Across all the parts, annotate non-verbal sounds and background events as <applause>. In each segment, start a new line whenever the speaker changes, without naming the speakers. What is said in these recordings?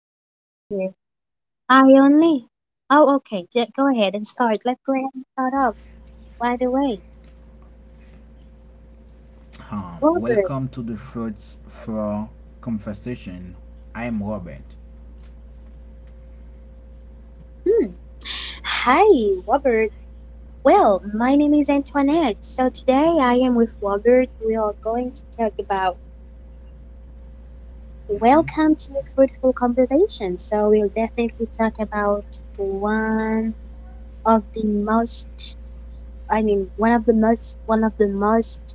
give, let's see here. I only. Oh, okay. J go ahead and start. Let's
Yes.
go ahead and start off. By the way,
Um,
Robert.
welcome to the Fruits for Conversation. I am Robert.
Hmm. Hi, Robert. Well, my name is Antoinette. So today I am with Robert. We are going to talk about
Mm-hmm.
welcome to fruitful conversation. So we'll definitely talk about one of the most, I mean, one of the most, one of the most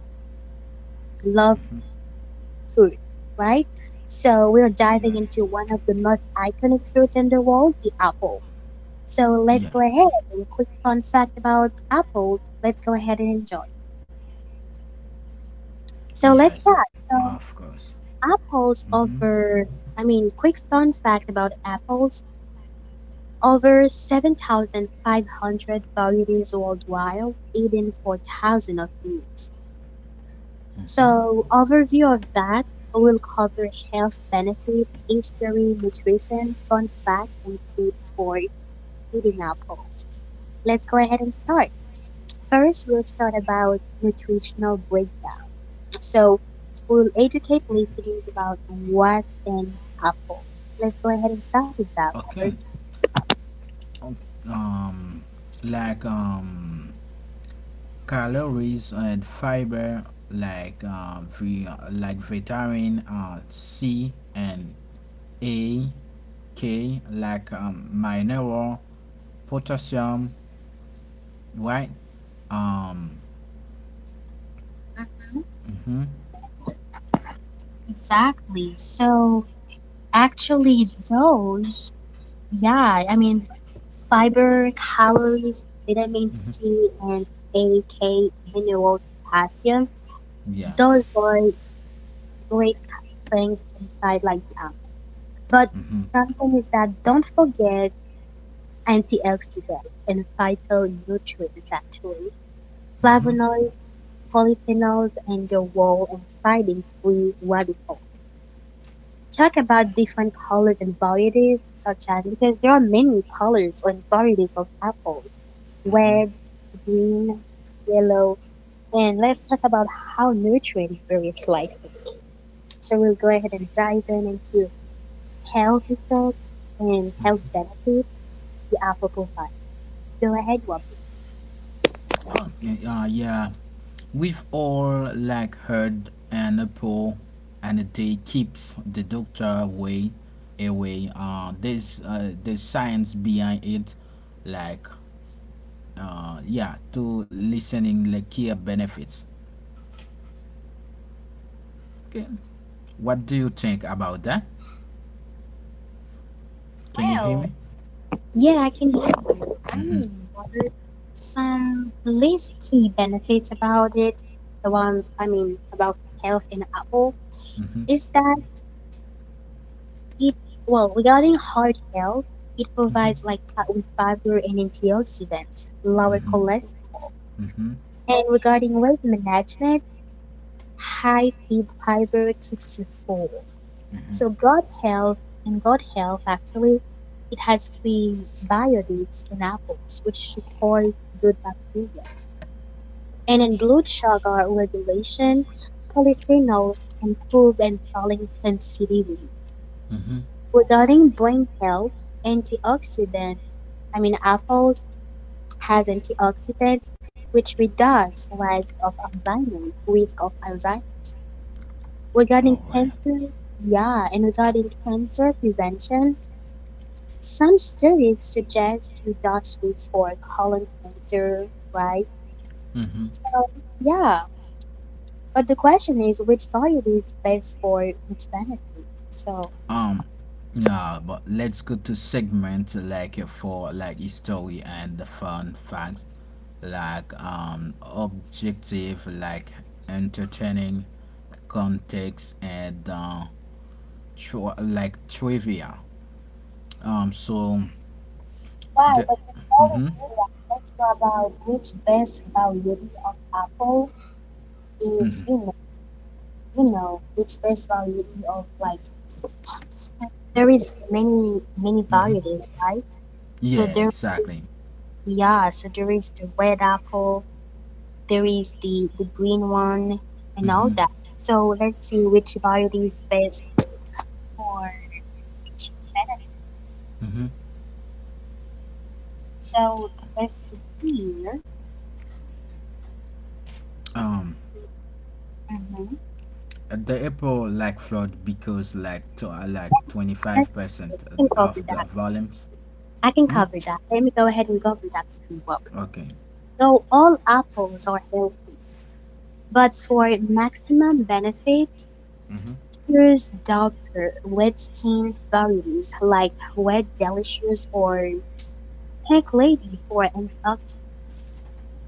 loved
Mm-hmm.
food, right? So we're diving
Yeah.
into one of the most iconic fruits in the world, the apple. So let's go ahead
Yes.
and quick fun fact about apples. Let's go ahead and enjoy. So let's
Yes.
start.
Of
So
course.
apples
Mm-hmm.
over, I mean, quick fun fact about apples. Over 7,500 varieties worldwide, eaten 4,000 of them.
Mm-hmm.
So overview of that will cover health benefits, history, nutrition, fun facts, and tips for eating apples. Let's go ahead and start. First, we'll start about nutritional breakdown. So we'll educate listeners about what an apple. Let's go ahead and start with that, Robert.
Okay. O- Um, like calories and fiber, like like vitamin C and A, K, like mineral, potassium, right? Um,
Mhm,
Mm-hmm.
exactly. So actually, those. Yeah, I mean, fiber, calories, vitamin
Mm-hmm.
C, and A, K, minerals, potassium.
Yeah.
Those are great things inside like that. But
Mm-hmm.
something is that don't forget antioxidants and phytonutrients, actually
Mm-hmm.
flavonoids, polyphenols, and your role in fighting free radicals. Talk about different colors and varieties, such as because there are many colors and varieties of apple,
Mm-hmm.
red, green, yellow, and let's talk about how nutrient varies slightly. So we'll go ahead and dive in into health effects and health benefits the apple provides. Go ahead, Wobble.
Oh, yeah. We've all like heard an apple and a day keeps the doctor away. Away. There's science behind it, like yeah, to listening like care benefits. Okay. What do you think about that? Can you hear
Well,
me?
yeah, I can hear you. I
Mm-hmm.
wondered some least key benefits about it. The one about health in apple
Mm-hmm.
is that It well, regarding heart health, it
Mm-hmm.
provides like fat with fiber and antioxidants, lower
Mm-hmm.
cholesterol.
Mm-hmm.
And regarding weight management, high feed fiber keeps you full. So
Mm-hmm.
gut health, actually it has prebiotics in apples, which support good bacteria. And in blood sugar regulation, polyphenol improve insulin sensitivity.
Mm-hmm.
Regarding brain health, antioxidant apples has antioxidants, which reduce risk of Alzheimer's, risk of Alzheimer's.
All
Regarding
right.
cancer, yeah, and regarding cancer prevention, some studies suggest reduced risk for colon cancer, right?
Mm-hmm.
Yeah, but the question is which variety is best for which benefit? So,
um yeah, but let's go to segment like for like history and the fun facts, like objective, like entertaining context and like trivia, so
why?
the
But before we
mm-hmm,
do that, let's go about which best variety of apple is,
mm-hmm,
you know, which best variety of like, there is many
mm-hmm.
varieties, right? So
Yeah,
there
exactly.
Yeah, so there is the red apple, there is the green one, and all
Mm-hmm,
that. So let's see which variety is best for.
mm-hmm.
So let's see here.
um
Mhm.
the April like flood because like to, like
I
25%
can cover
of the
that.
volumes.
I can
Hmm?
cover that. Let me go ahead and cover that for you.
Okay.
So all apples are healthy, but for maximum benefit,
Mm-hmm.
nature's darker, wet skin varieties like Wet Delicious or Pink Lady for antioxidants,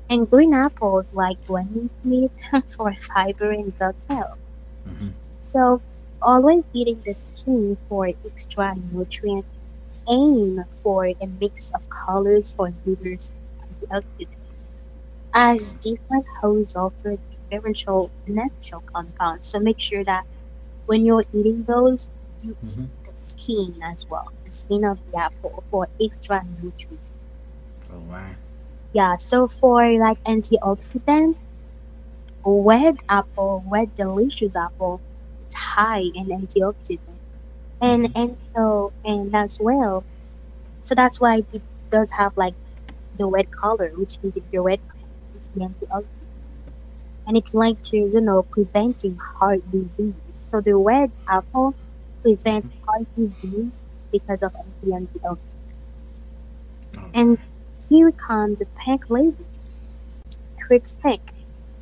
and green apples like Granny Smith <laughs> for fiber and gut health.
Mm-hmm.
So always eating the skin for extra nutrients. Aim for a mix of colors for diverse antioxidants, as different hosts offer differential natural compounds. So make sure that when you're eating those, you eat
Mm-hmm.
the skin as well, the skin of the apple for extra nutrients.
All right.
Yeah, so for like antioxidant, red apple, red delicious apple, it's high in antioxidant, and
Mm-hmm.
and so and as well. So that's why it does have like the red color, which is the red color is the antioxidant, and it's linked to, you know, preventing heart disease. So the red apple prevents heart disease because of antioxidants.
All
And
right.
here comes the Pink Lady, Crips Pink.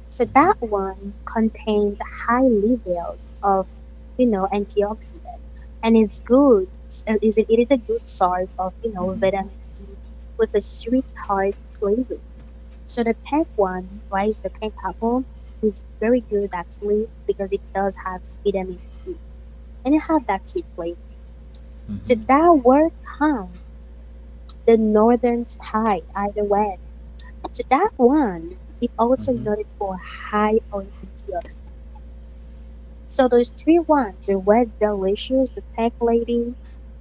So that
Mm-hmm.
one contains high levels of, you know, antioxidant and is good. It is a good source of, you know,
Mm-hmm.
vitamin C with a sweet heart flavor. So the peg one, right, is the peg apple, is very good actually because it does have vitamin C and it have that sweet flavor. So
Mm-hmm.
that word comes the northern sky either way. So that one is
Mm-hmm.
also noted for high on antioxidants. So those three ones, the red delicious, the peg lady,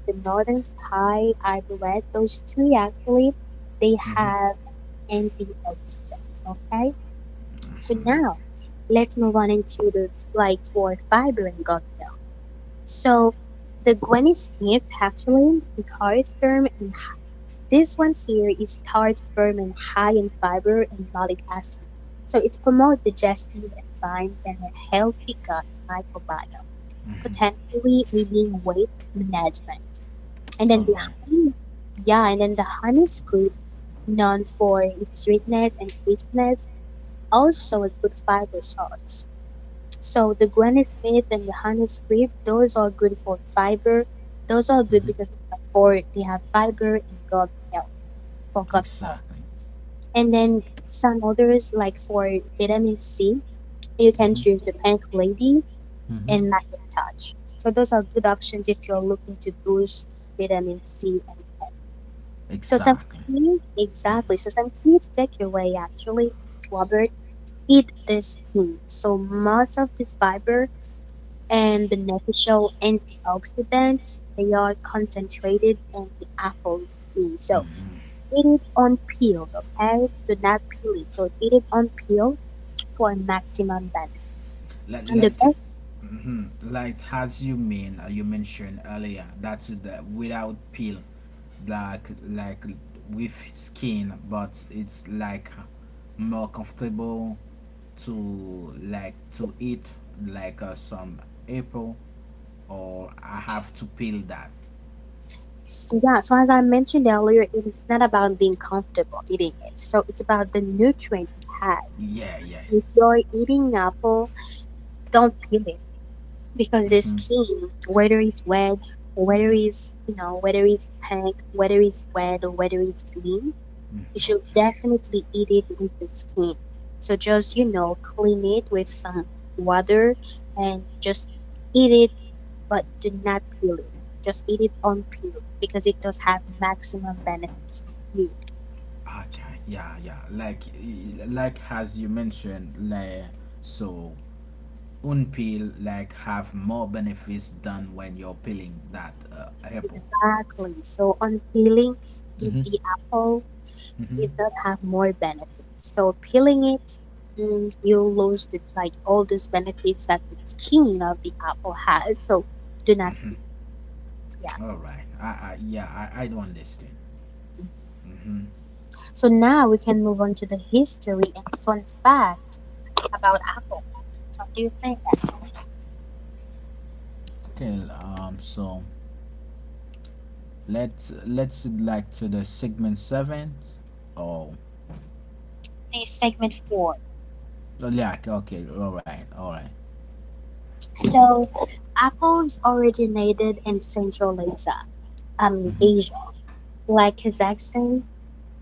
the northern sky, either red, those three actually they
Mm-hmm.
have antioxidants. Okay. So now let's move on into the flight for fiber and gut health. So the Granny Smith actually is hard, firm, and this one here is hard, firm, and high in fiber and malic acid. So it promotes digestive enzymes and a healthy gut microbiome,
Mm-hmm.
potentially leading weight management. And then
All right.
honey, the honey scoop, known for its sweetness and crispness, also a good fiber source. So the Gwen Smith and the Honey Crisp, those are good for fiber. Those are good
Mm-hmm.
because they have fiber and gut health for gut health.
Exactly.
And then some others like for vitamin C, you can choose
Mm-hmm.
the Pink Lady and
Mm-hmm.
Macintosh. So those are good options if you're looking to boost vitamin C. And so some
Exactly.
key, exactly. So some key takeaway actually, Robert, eat this key. So most of the fiber and beneficial antioxidants, they are concentrated in the apple skin. So eat it on peel, okay? Do not peel it. So eat it on peel for maximum benefit.
Let,
And the
let,
best
hmm, like as you mean you mentioned earlier, that's the without peel, like with skin, but it's like more comfortable to like to eat, like some apple, or I have to peel that.
Yeah, so as I mentioned earlier, it is not about being comfortable eating it. So it's about the nutrient it has.
Yeah,
If
yes.
you're eating apple, don't peel it because the
Mm-hmm.
skin, whether it's red, whether
Mm-hmm.
it's, you know, whether it's pink, whether it's red, or whether it's green,
Mm,
you should
okay.
definitely eat it with the skin. So just, you know, clean it with some water and just eat it, but do not peel it. Just eat it unpeeled because it does have maximum benefits for you.
Okay. Yeah, yeah. Like, like as you mentioned, like so, unpeel like have more benefits than when you're peeling that apple.
Exactly. So unpeeling
Mm-hmm.
the apple,
Mm-hmm.
it does have more benefits. So peeling it, you'll lose like, all those benefits that the skin of the apple has. So do not peel. Yeah.
All right. I yeah, I don't understand. Mm-hmm.
So now we can move on to the history and fun fact about apples. What do you think?
Okay. So let's like to the segment seven. Oh.
This is segment four.
Oh, yeah. Okay. Okay, all right. All right.
So apples originated in Central Asia, I mean
Mm-hmm.
Asia, like Kazakhstan,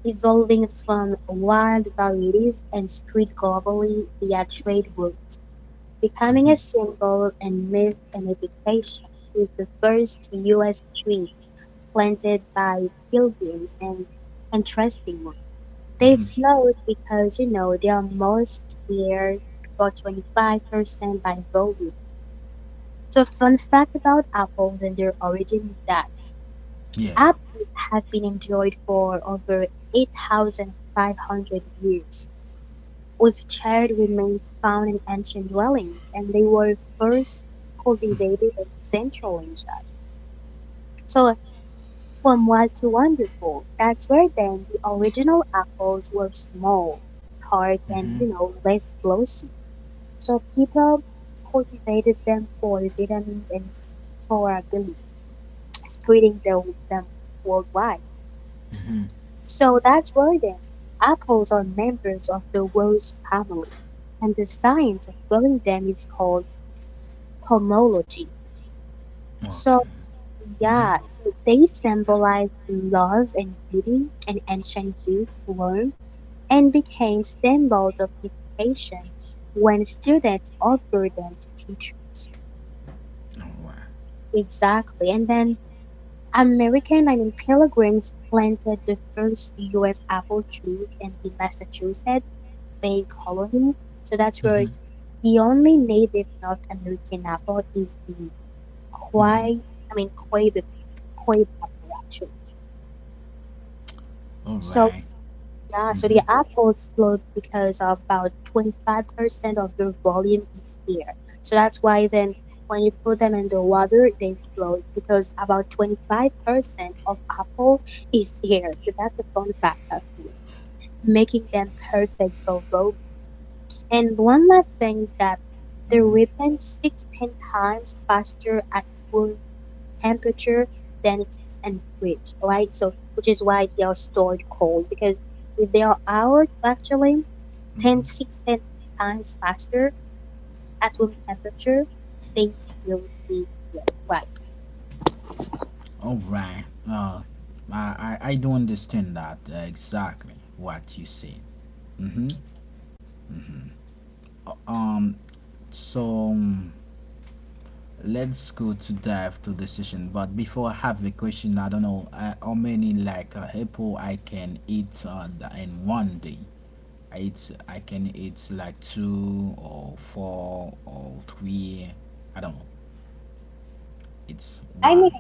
evolving from wild varieties and spread globally via trade routes, becoming
Mm-hmm.
a symbol and myth and education, with the first U.S. tree planted by pilgrims, and interesting one, they
Mm-hmm. Mm-hmm.
float because, you know, they are most cleared about 25% by volume. So fun fact about apples and their origin is that
Yeah.
apples have been enjoyed for over 8,500 years, with charred remains found in ancient dwellings, and they were first cultivated in Central Asia. So from wild to wonderful, that's where then the original apples were small, hard, and,
Mm-hmm.
you know, less glossy. So people cultivated them for the vitamins and storability, spreading them worldwide.
Mm-hmm.
So that's why then apples are members of the rose family, and the science of growing them is called pomology.
Okay.
So
Mm-hmm.
yeah, so they symbolize love and beauty, and ancient Greece learned and became symbols of education when students offered them to teachers.
All right.
Exactly. And then pilgrims planted the first U.S. apple trees in the Massachusetts Bay Colony. So that's where
Mm-hmm.
the only native North American apple is the
Mm-hmm.
Quay, I mean, Quay, Quay apple, actually.
All
So
right.
yeah, so
Mm-hmm.
the app was slowed because of about 25% of your volume is air. So that's why then when you put them in the water, they float because about 25% of apple is air. So that's a fun fact of it, making them perfect for robots. And one last thing is that the
Mm-hmm.
weapon sticks 10 times faster at temperature than and fridge, right? So which is why they are stored cold because if they are out actually 10
Mm-hmm.
6 10 times faster at room temperature, they will be red, right.
All right. I do understand that exactly what you said. Mm-hmm. Uh, Um. So. um, Let's go to dive to decision. But before, I have a question. I don't know how many like apple I can eat in one day. I can eat like two or four or three. I don't know. It's
I mean,
one.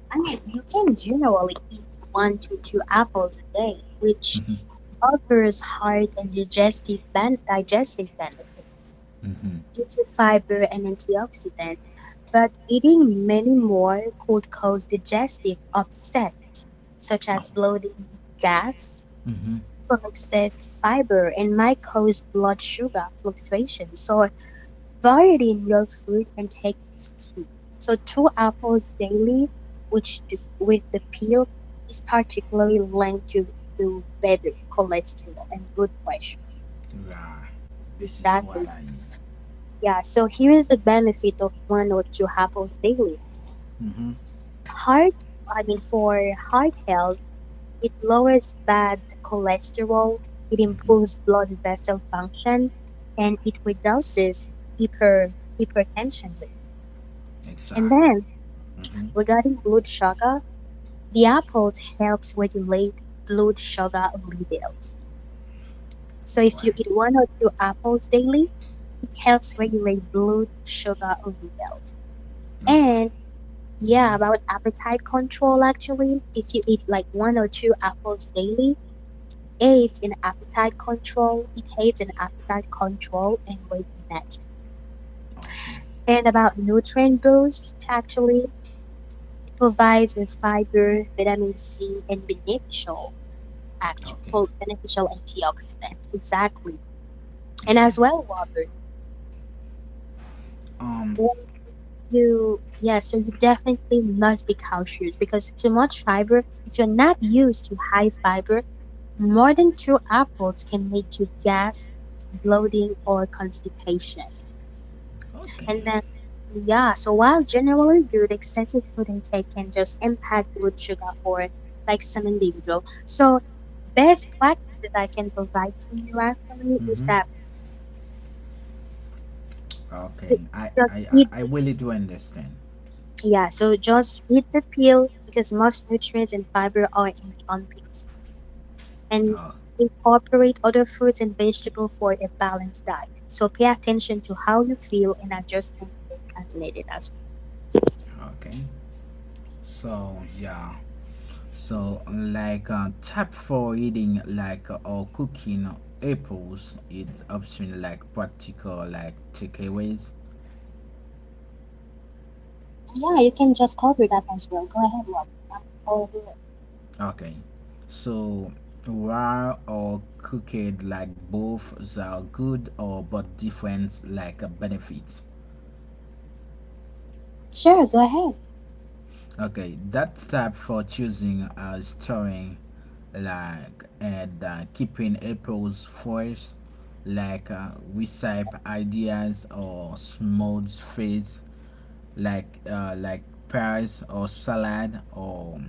I mean, you can generally eat 1 to 2 apples a day, which
Mhm.
offers heart and digestive digestive benefits
Mhm.
due to fiber and antioxidants. But eating many more could cause digestive upset, such
No.
as bloating, gas
Mhm.
from excess fiber, and might cause blood sugar fluctuations. So variety in your food intake is key. So two apples daily, which do, with the peel, is particularly linked to better cholesterol and blood pressure.
Yeah. This is
Exactly.
what I need.
Yeah. So here is the benefit of 1 or 2 apples daily.
Mhm.
Heart I mean for heart health, it lowers bad cholesterol, it improves blood vessel function, and it reduces hyper hypertension rate. And
Exactly.
then
Mhm.
regarding blood sugar, the apple helps regulate blood sugar levels. So
All
if you
right.
eat 1 or 2 apples daily, it helps regulate blood sugar level.
All right.
And yeah,
Mhm.
about appetite control, actually, if you eat like 1 or 2 apples daily, aids in appetite control. It aids in appetite control and weight management.
Okay.
And about nutrient boost, actually, it provides with fiber, vitamin C, and
Okay.
beneficial antioxidants. Exactly. And as well, Robert,
Um.
when you yeah, so you definitely must be cautious because too much fiber, if you're not used to high fiber, more than two apples can lead to gas, bloating, or constipation.
Okay.
And then, yeah, so while generally good, excessive food intake can just impact blood sugar for like some individual. So best practices I can provide to you actually is
Mm-hmm.
that
Okay.
ju-
I
just
I I-
eat,
I really do understand.
just eat the peel because most nutrients and fiber are in the on peels and
Oh.
incorporate other fruits and vegetables for a balanced diet. So pay attention to how you feel and adjust and as needed as
Okay. So yeah. So like tap for eating, like or cooking apples, it's option, like practical like takeaways.
well. Yeah, you can just cover that as well. Go ahead, Rob. I'm all ears.
Okay. So raw or cooked, like both are good, or but different like benefits.
Sure, go ahead.
Okay, that's tab for choosing storing like and keeping apples first, like recipe ideas or smooth foods like pies or salad or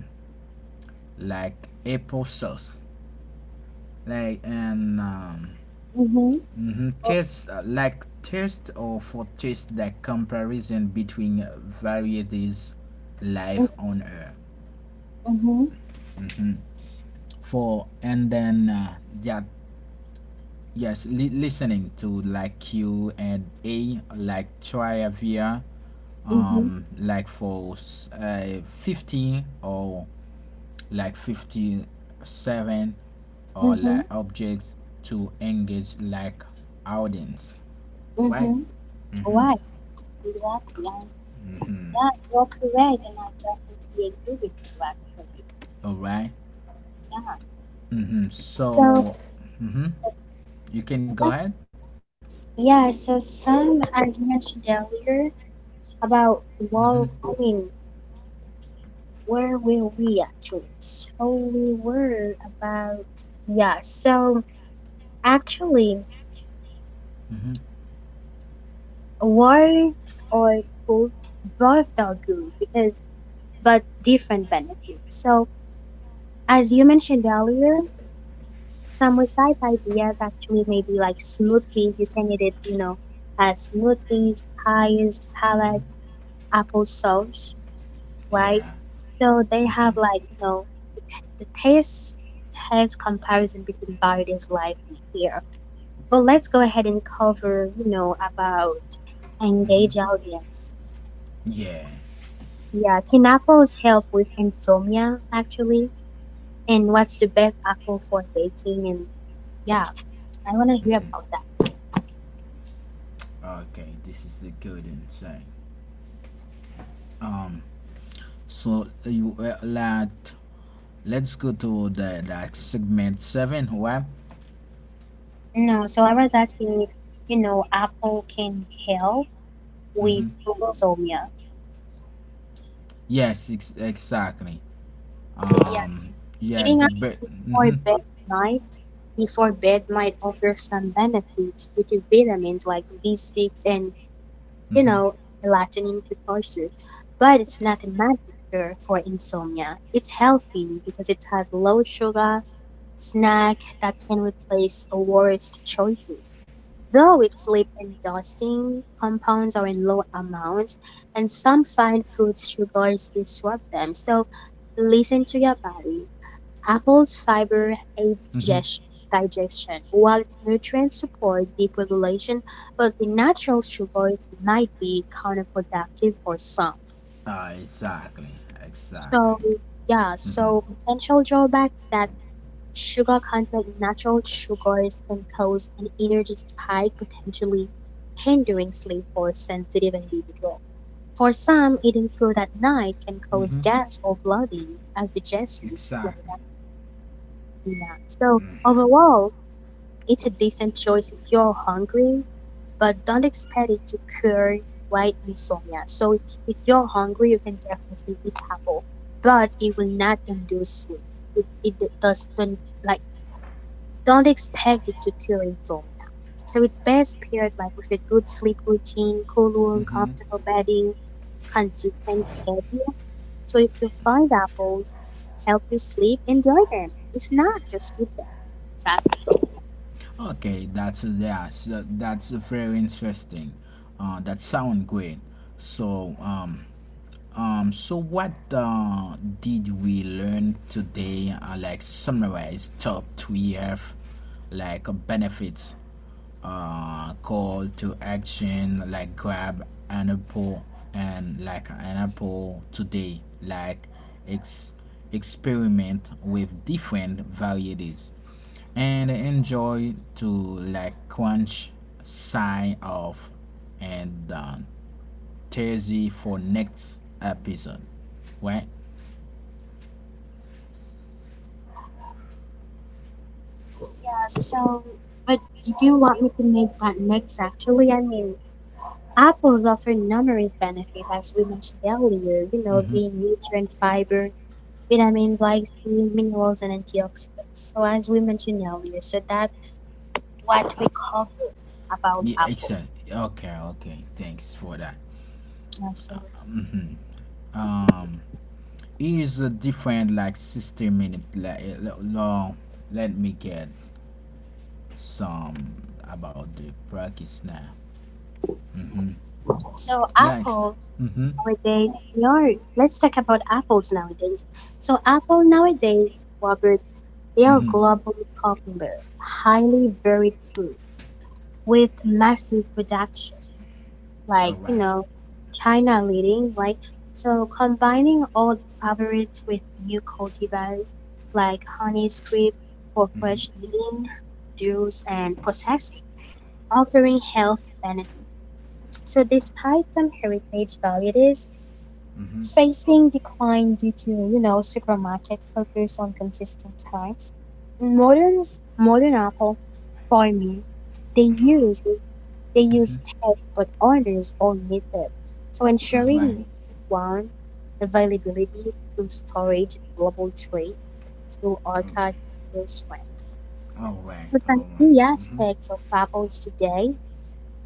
like apple sauce, like and
Mm-hmm.
mhm, taste like taste or for taste, like comparison between varieties, life
Mm-hmm.
on earth. For and then yeah, yes, listening to like q and a, like trivia,
Mm-hmm.
like for 50 or like 57 or
Mm-hmm.
like objects to engage like audience, right.
Mm-hmm. Why? Exactly. And
Mm-hmm.
yeah, you're correct, and I definitely agree with you actually.
All right.
Yeah.
Mm-hmm.
So
So mm-hmm. You can go
yeah,
ahead.
yeah, so Sam, as mentioned earlier, about
Mm-hmm.
well, I mean, where were we actually? So we were about yeah. So actually,
Mm-hmm.
war or both both are good because but different benefits. So as you mentioned earlier, some recite ideas actually maybe like smoothies. You can eat it, you know, as smoothies, pies,
Mm-hmm.
salad, applesauce,
Yeah.
right? So they
Mm-hmm.
have, like, you know, the taste test comparison between varieties like here. But let's go ahead and cover, you know, about
Mm-hmm.
engage audience.
Yeah.
Yeah, can apples help with insomnia actually? And what's the best apple for baking? And yeah, I want to hear about that.
Okay, this is a good insane. Um, so you lad, let's go to the like segment seven. What?
No, so I was asking if, you know, apple can help with
Mm-hmm.
insomnia.
Yes, exactly.
Yeah,
Um, yeah,
eating
the
apple
bit.
before
Mm-hmm.
bed might before bed might offer some benefits due to vitamins like B6 and, you
Mm-hmm.
know, melatonin precursor. But it's not a magic cure for insomnia. It's healthy because it has low sugar snack that can replace the worst choices. Though its lip-endorsing compounds are in low amounts, and some fine food sugars disrupt them, so listen to your body. Apple's fiber aids
Mm-hmm.
digestion, while its nutrients support deep regulation, but the natural sugars might be counterproductive for some.
Exactly. Exactly.
So, yeah,
Mm-hmm.
so potential drawbacks that sugar content in natural sugars can cause an energy spike, potentially hindering sleep for sensitive individuals. For some, eating food at night can cause
Mm-hmm.
gas or bloating as digestion slows
Exactly.
down. So overall, it's a decent choice if you're hungry, but don't expect it to cure white insomnia. So if you're hungry, you can definitely eat apple, but it will not induce sleep. It does not, like, don't expect it to cure insomnia. So it's best paired like with a good sleep routine, cool room,
Mm-hmm.
comfortable bedding, consistent schedule. So if you find apples help you sleep, enjoy them. If not, just eat them. Exactly.
Okay, that's yeah, so that's very interesting. That sound great. So so what did we learn today? Like summarize top three F, like benefits, call to action, like grab an apple and like an apple today, like ex- experiment with different varieties and enjoy to like quench, sign off and Thursday for next episode, right.
Yeah, so, but you do want me to make that next, actually? I mean, apples offer numerous benefits as we mentioned earlier, you know,
Mm-hmm.
being richer in fiber, vitamins like C, minerals, and antioxidants. So, as we mentioned earlier, so that what we call about
Yeah,
Apple.
exactly. Okay, okay, thanks for that.
Absolutely.
Mhm. um is a different like 60 minute, like long. Let me get some about the practice now,
So
like
Apple
mm-hmm.
nowadays, we are, let's talk about apples nowadays. So Apple nowadays, Robert, they are
Mm-hmm.
globally popular, highly varied food with massive production,
All
like, you
right.
know, China leading, right? So combining old favorites with new cultivars like honey script for fresh
Mm-hmm.
eating, juice and processing, offering health benefits. So despite some heritage value, it is
Mm-hmm.
facing decline due to, you know, supermarket focus on consistent types. Modern modern Apple farming, they use they use tech but others omit it. So
All right.
ensuring one availability through storage global trade through archive elsewhere.
All right.
But some
All right.
key
Mm-hmm.
aspects of Apples today,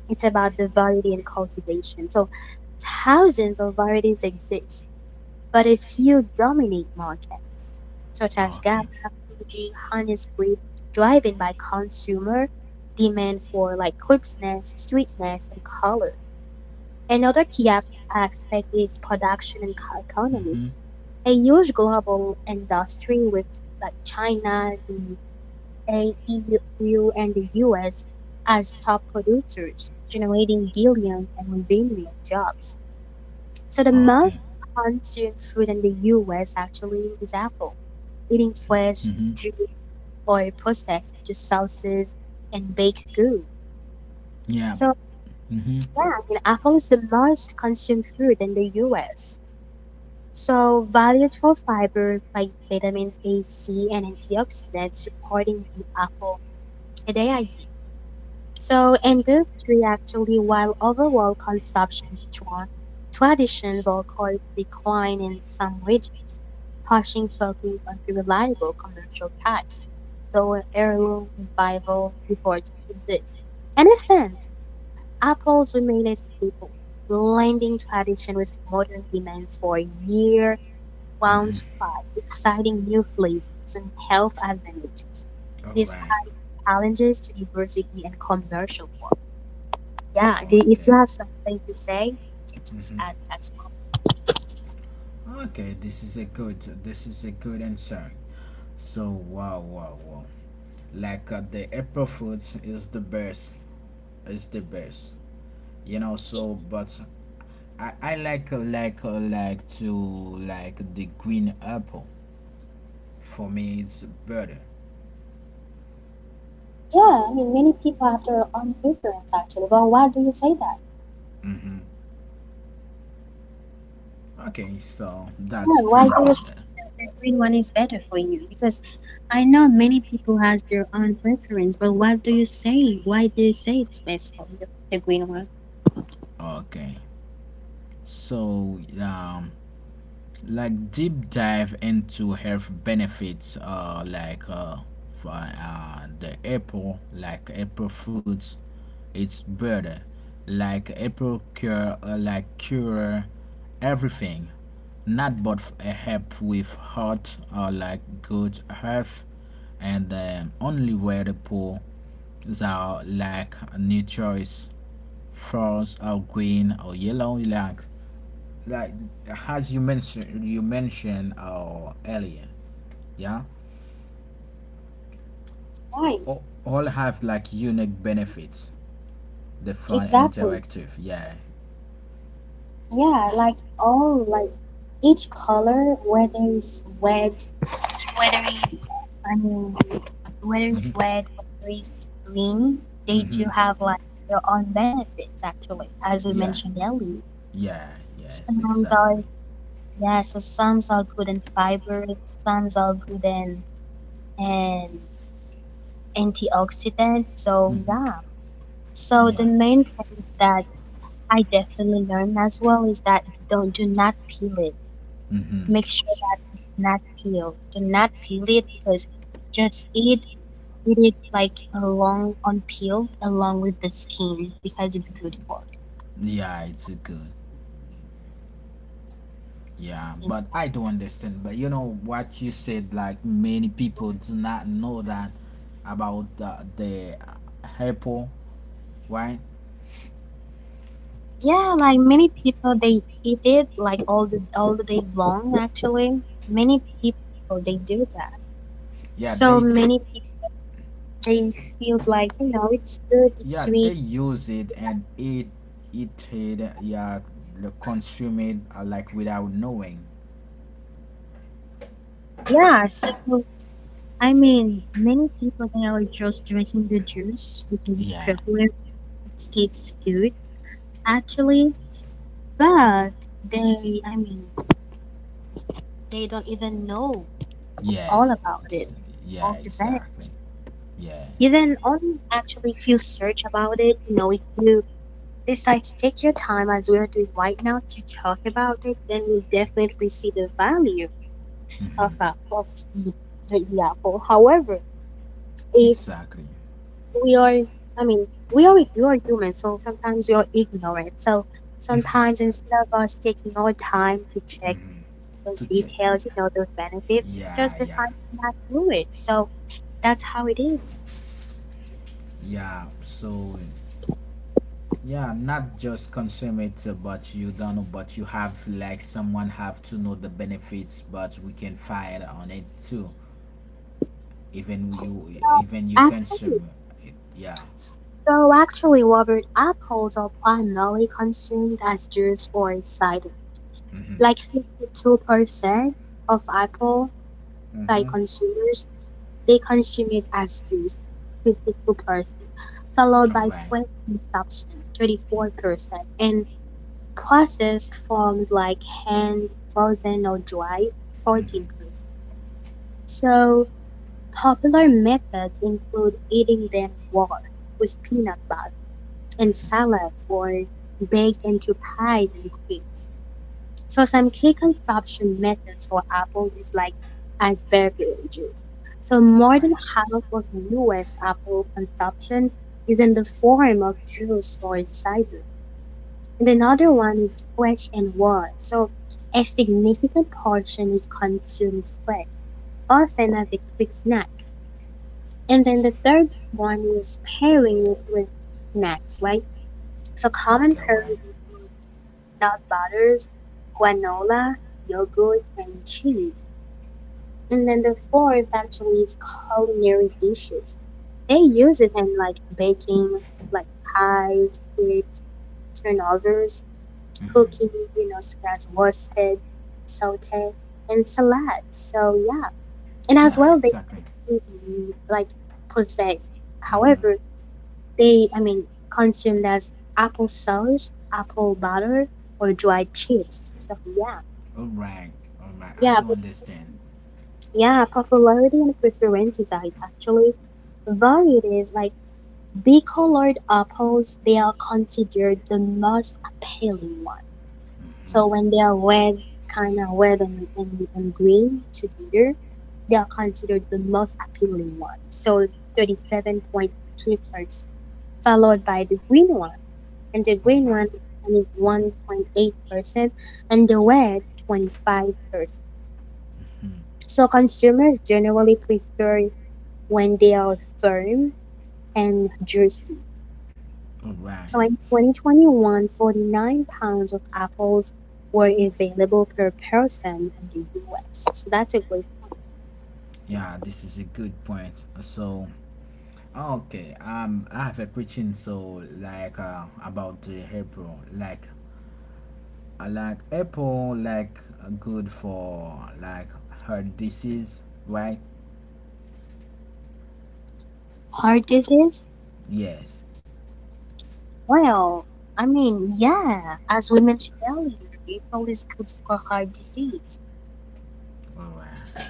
it's about the variety and cultivation. So thousands of varieties exist, but a few dominate markets, such as GABA,
Okay.
Fuji, Honey Squid, driven by consumer demand for like crispness, sweetness, and color. Another key aspect is production and economy.
Mm-hmm.
A huge global industry with like China, the A- EU, and the US as top producers, generating billions and revenue and jobs. So the most
Okay.
consumed food in the US actually is apple, eating fresh,
Mm-hmm.
juice, or processed to sauces and baked goods.
Yeah.
So
Mm-hmm.
yeah, I mean, apple is the most consumed food in the US. So valued for fiber like vitamins A, C, and antioxidants supporting the apple and AID. So industry actually, while overall consumption strong, traditions or called decline in some regions. Pershing fell group under reliable commercial types, though an heirloom revival effort exists. In a sense, apples remain a staple, blending tradition with modern demands for a near one's
Mm-hmm.
pride, exciting new flavors and health advantages.
All
These
right.
challenges to diversity and commercial work. Yeah, and if
Okay.
you have something to say, you can just add
Mm-hmm.
as well.
Okay. This is a good. This is a good answer. So wow, wow, wow. Like the April Foods is the best. Is the best. You know. So, but I like like to like the green apple. For me, it's better.
Yeah, I mean, many people have their own preference actually. Well, why do you say that?
Mm-hmm. Okay. So that's
Yeah, why
very
do you
good.
think the green one is better for you? Because I know many people has their own preference, but what do you say? Why do you say it's best for you, the green one?
Okay. So, like deep dive into health benefits, like for, the apple, like apple fruits, it's better. Like apple cure, like cure everything, not but help with heart or like good health, and only where the poor is our like new choice, false or green or yellow, like as you mentioned earlier, yeah,
Right,
all have like unique benefits, the fun
exactly.
interactive, yeah.
Yeah, like all, like each color, whether it's red, whether it's, I mean, whether it's
Mm-hmm.
red, whether it's green, they do
Mm-hmm.
have like their own benefits actually, as we
Yeah,
mentioned earlier.
yeah, yes,
And
exactly.
yeah, so some's are good in fiber, some's are good in and antioxidants. So
Mm-hmm.
yeah. So the
Yeah.
main thing that I definitely learned as well is that don't do not peel it.
Mm-hmm.
Make sure that not peel. Do not peel it because just eat it like along unpeeled along with the skin because it's good for it.
Yeah, it's a good yeah,
It's-
but I don't understand, but you know what you said, like many people do not know that about the apple, right.
yeah, like many people they eat it like all the day long actually. Many people they do that. So
Yeah,
many
they
people they feels like, you know, it's good, it's
yeah,
sweet.
they use it and eat, eat it, yeah, consume it like without knowing.
Yeah, so I mean, many people they are just drinking the juice because it's
Yeah,
popular, it tastes good actually, but they, I mean, they don't even know all
yeah,
about it,
ex-
all the
yeah,
bad.
exactly,
You
yeah.
then only actually if you search about it, you know, if you decide to take your time as we're doing right now to talk about it, then you'll definitely see the value alpha
Mm-hmm.
of the, the apple. However, if
Exactly.
we are, I mean, we are human, so sometimes we are ignorant. So sometimes instead of us taking our time to check those
To check,
details, you know, those benefits, we just
yeah,
decide
yeah,
not to do it. So that's how it is.
yeah, so yeah, not just consume it but you don't know, but you have like someone have to know the benefits, but we can find on it too, even you
Actually,
consume it, yeah.
so actually, Robert, apples are primarily consumed as juice or cider.
Mm-hmm.
Like 52% of apple by
Mm-hmm.
consumers they consume it as juice, 52%, followed
All
by
right.
plant consumption, 34%, and processed forms like hand, frozen, or dry,
Mm-hmm.
14%. So, popular methods include eating them raw with peanut butter and
Mm-hmm.
salads or baked into pies and cakes. So some key consumption methods for apple is like as beverage juice. So
All
more than
right.
half of US apple consumption is in the form of juice or cider. And another
Okay.
one is fresh and raw. So a significant portion is consumed fresh, often as a quick snack. And then the third one is pairing it with snacks, right? So common
Okay. All
pairing
right.
is nut butters, granola, yogurt, and cheese. And then the fourth actually is culinary dishes. They use it in like baking, like pies, crepes, turnovers,
Mm-hmm.
cooking, you know, such as roasted, saute, and salad. So yeah, and as
Yeah,
well they
exactly.
mm, like possess.
Mm-hmm.
However, they I mean consumed as applesauce, apple butter, or dried chips. So yeah,
All right. All right. I
yeah.
do understand.
Yeah, popularity and preferences are actually varied. Is like bicolored apples, they are considered the most appealing one.
Mm-hmm.
So when they are red, kind of red and green together, they are considered the most appealing one. So 37.2%, followed by the green one. And the
All
green
right.
one is 1.8%, and the red 25%.
Mm.
So consumers generally prefer when they are firm and juicy.
All right.
So in 2021, 49 pounds of apples were available per person in the US. So that's a great
Yeah, this is a good point. So, okay. I have a preaching. So, like, about the April, like, I like apple, like, good for like heart disease, right?
heart disease.
Yes.
Well, I mean, yeah, as we mentioned earlier, apple is good for heart disease.
All right.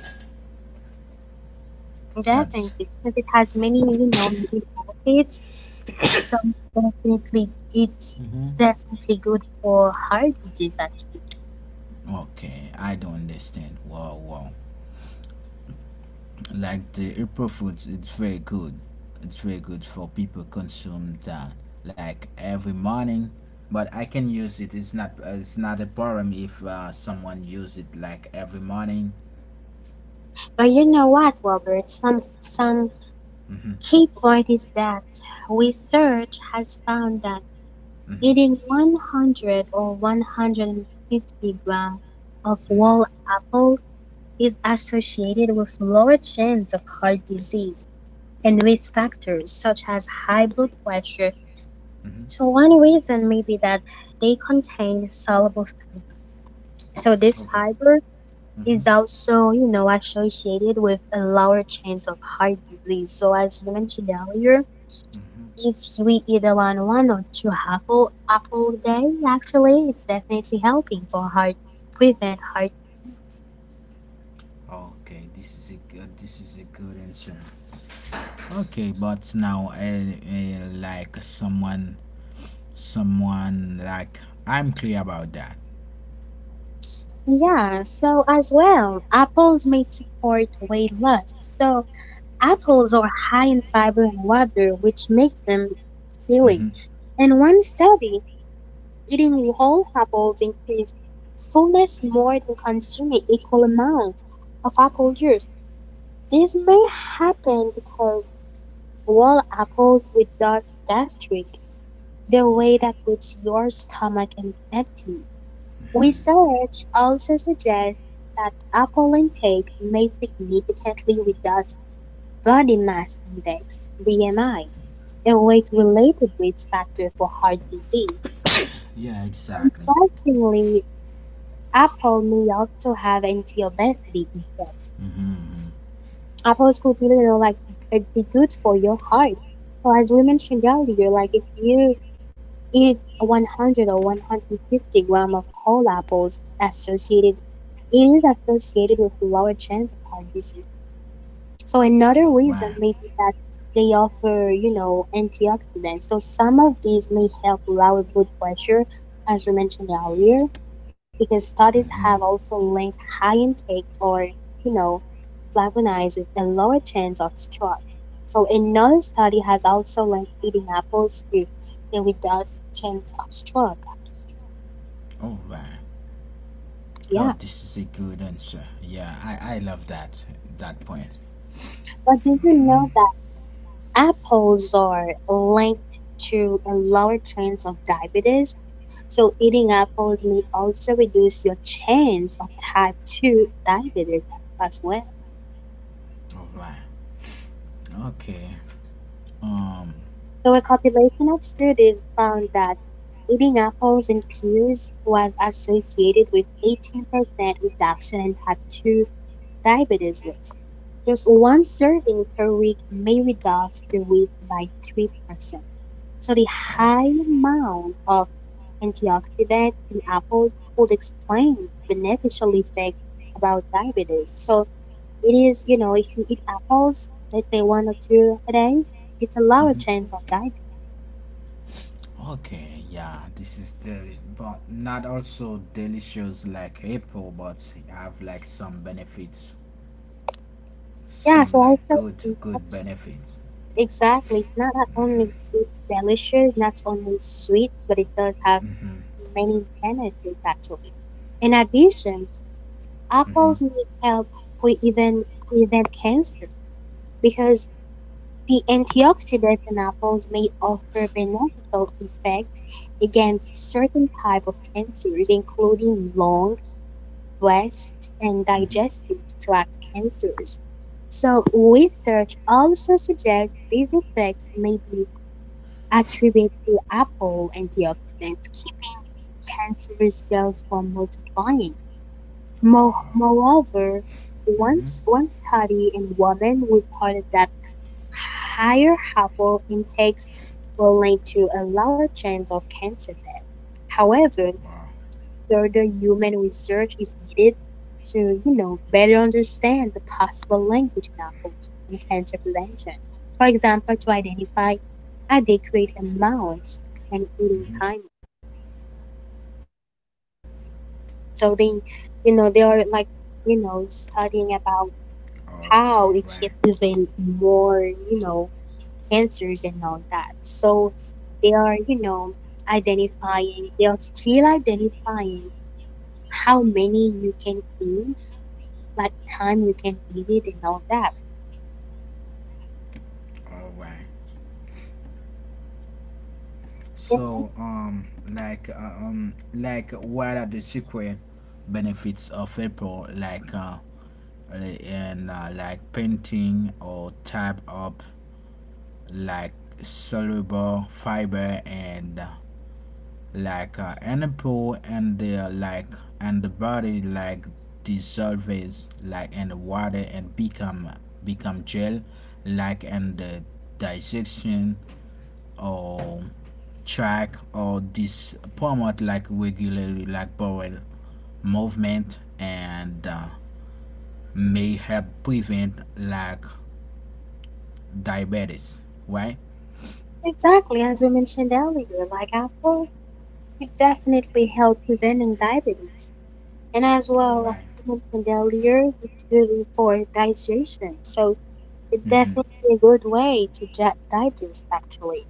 Definitely,
That's.
because it has many, you know, many benefits. So definitely, it's
Mm-hmm.
definitely good for heart disease, actually.
Okay, I don't understand. Wow, wow. Like the April Foods, it's very good. It's very good for people consume that like every morning. But I can use it. It's not. It's not a problem if someone use it like every morning.
But you know what, Robert? Some
Mhm.
key point is that research has found that
Mhm.
eating 100 or 150 grams of
Mhm.
whole apple is associated with lower chance of heart disease and risk factors such as high blood pressure.
Mhm.
So one reason may be that they contain soluble fiber. So this
Okay.
fiber is
Mhm.
also, you know, associated with a lower chance of heart disease. So as you mentioned earlier,
Mhm.
if we eat around one or two apple a day, actually, it's definitely helping for heart prevent heart.
Okay, this is a good, this is a good answer. Okay, but now, like someone like I'm clear about that.
Yeah, so as well, apples may support weight loss. So apples are high in fiber and water, which makes them
Mm-hmm.
filling. In one study, eating whole apples increased fullness more than consuming equal amount of apple juice. This may happen because whole apples without gastric the way
Yeah.
that puts your stomach in empty.
Mm-hmm.
Research also suggests that apple intake may significantly reduce body mass index (BMI), a weight-related risk factor for heart disease.
Yeah, exactly.
Interestingly, apple may also have anti-obesity effect.
Mm-hmm.
Apples could be, like it'd be good for your heart. So as we mentioned earlier, like if you eat 100 or 150 gram of whole apples associated it is associated with lower chance of heart disease. So
All
another
right.
reason may be that they offer, antioxidants. So some of these may help lower blood pressure, as we mentioned earlier, because
Mm-hmm.
studies have also linked high intake or, you know, flavonoids with a lower chance of stroke. So another study has also linked eating apples to a reduced chance of stroke.
All right. Oh,
Yeah.
this is a good answer. Yeah, I love that that point.
But did you
Mm-hmm.
know that apples are linked to a lower chance of diabetes? So eating apples may also reduce your chance of type 2 diabetes as well.
All right. Okay. Um.
So a compilation of studies found that eating apples and pears was associated with 18% reduction in type 2 diabetes risk. Just one serving per week may reduce the risk by 3%. So the
Oh.
high amount of antioxidants in apples could explain the beneficial effect about diabetes. So it is, if you eat apples, let's say one or two a day, it's a lower
Mm-hmm.
chance of diabetes.
Okay, yeah, this is but not also delicious like apple, but have like some benefits,
Yeah,
some
so I
like
feel
good
like
good
that's
benefits.
exactly not that
Mhm,
only it's delicious, not only sweet, but it does have
mhm,
many benefits actually. In addition,
mhm,
apples may help even prevent cancer because the antioxidants in apples may offer beneficial effects against certain type of cancers, including lung, breast, and
mhm.
digestive tract cancers. So, research also suggests these effects may be attributed to apple antioxidants keep cancerous cells from multiplying.
Wow.
Moreover,
Mhm.
once one study in women reported that higher apple intakes were linked to a lower chance of cancer death. However,
Wow.
further human research is needed to, better understand the possible language levels in cancer prevention. For example, to identify adequate amounts and
Mhm.
eating timing. So they, they are like,
All,
studying
all
about
right,
how it can prevent more, cancers and all that. So they are, identifying, they are still identifying how many you can eat like time you can give it and all that.
all right. So,
Yeah,
like, uh, like, what are the secret benefits of apple? Like, and like painting or type up like soluble fiber and like ample and the like and the body like dissolves like in the water and become become gel like in the digestion or track, or this promote like regularly like bowel movement, and may help prevent like diabetes, right?
exactly, as we mentioned earlier, like apple could definitely help preventing diabetes. And as
All
well,
right.
like we mentioned earlier, it's good for digestion. So it's
Mm-hmm.
definitely a good way to digest actually.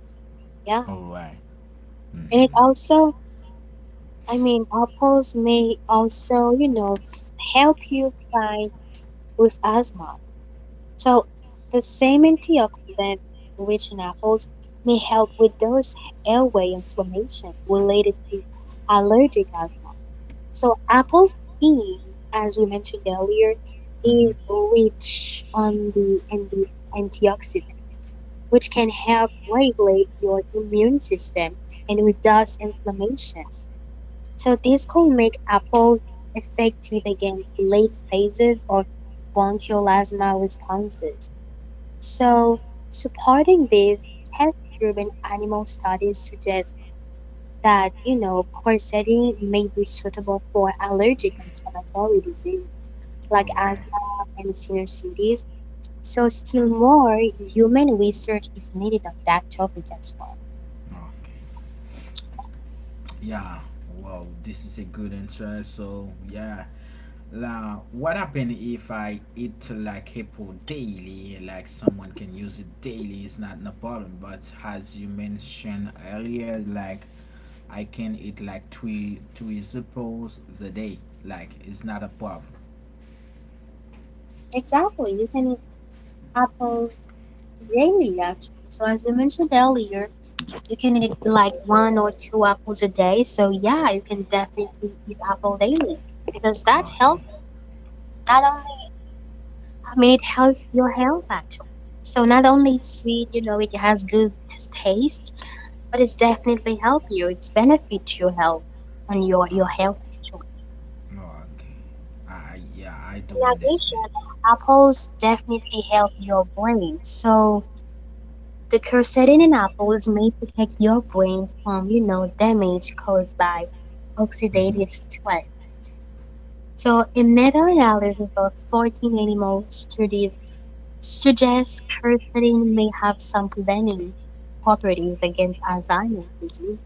All
Yeah.
right.
And it
Mm-hmm.
also, I mean, apples may also, help you fight with asthma. So the same antioxidant rich in apples may help with those airway inflammation related to allergic asthma. So apples being, as we mentioned earlier,
Mm-hmm.
is rich on the in the antioxidant, which can help regulate your immune system and reduce inflammation. So this could make apples effective against late phases of bronchial asthma responses. So, supporting these test-driven animal studies suggests that, corsetting may be suitable for allergic inflammatory disease
All
like
right.
asthma and sinusitis. So, still more human research is needed on that topic as well.
Okay. Yeah. Wow, this is a good answer. So yeah. Now, what happen if I eat like apple daily? Like someone can use it daily. It's not no problem. But as you mentioned earlier, like I can eat like three apples a day. Like it's not a problem.
Exactly, you can eat apples daily actually. So, as we mentioned earlier, you can eat like one or two apples a day. So, yeah, you can definitely eat apple daily because that's
Okay.
healthy not only I mean, it helps your health actually. So not only it's sweet, it has good taste, but it's definitely help you. It's benefit to your health and your
Uh,
health.
No, okay. I yeah, I,
In
doing this then.
addition, apples definitely help your brain. So the quercetin in apples may protect your brain from, damage caused by
Mm-hmm.
oxidative stress. So a meta-analysis of 14 animal studies suggests curcumin may have some preventing properties against Alzheimer's disease.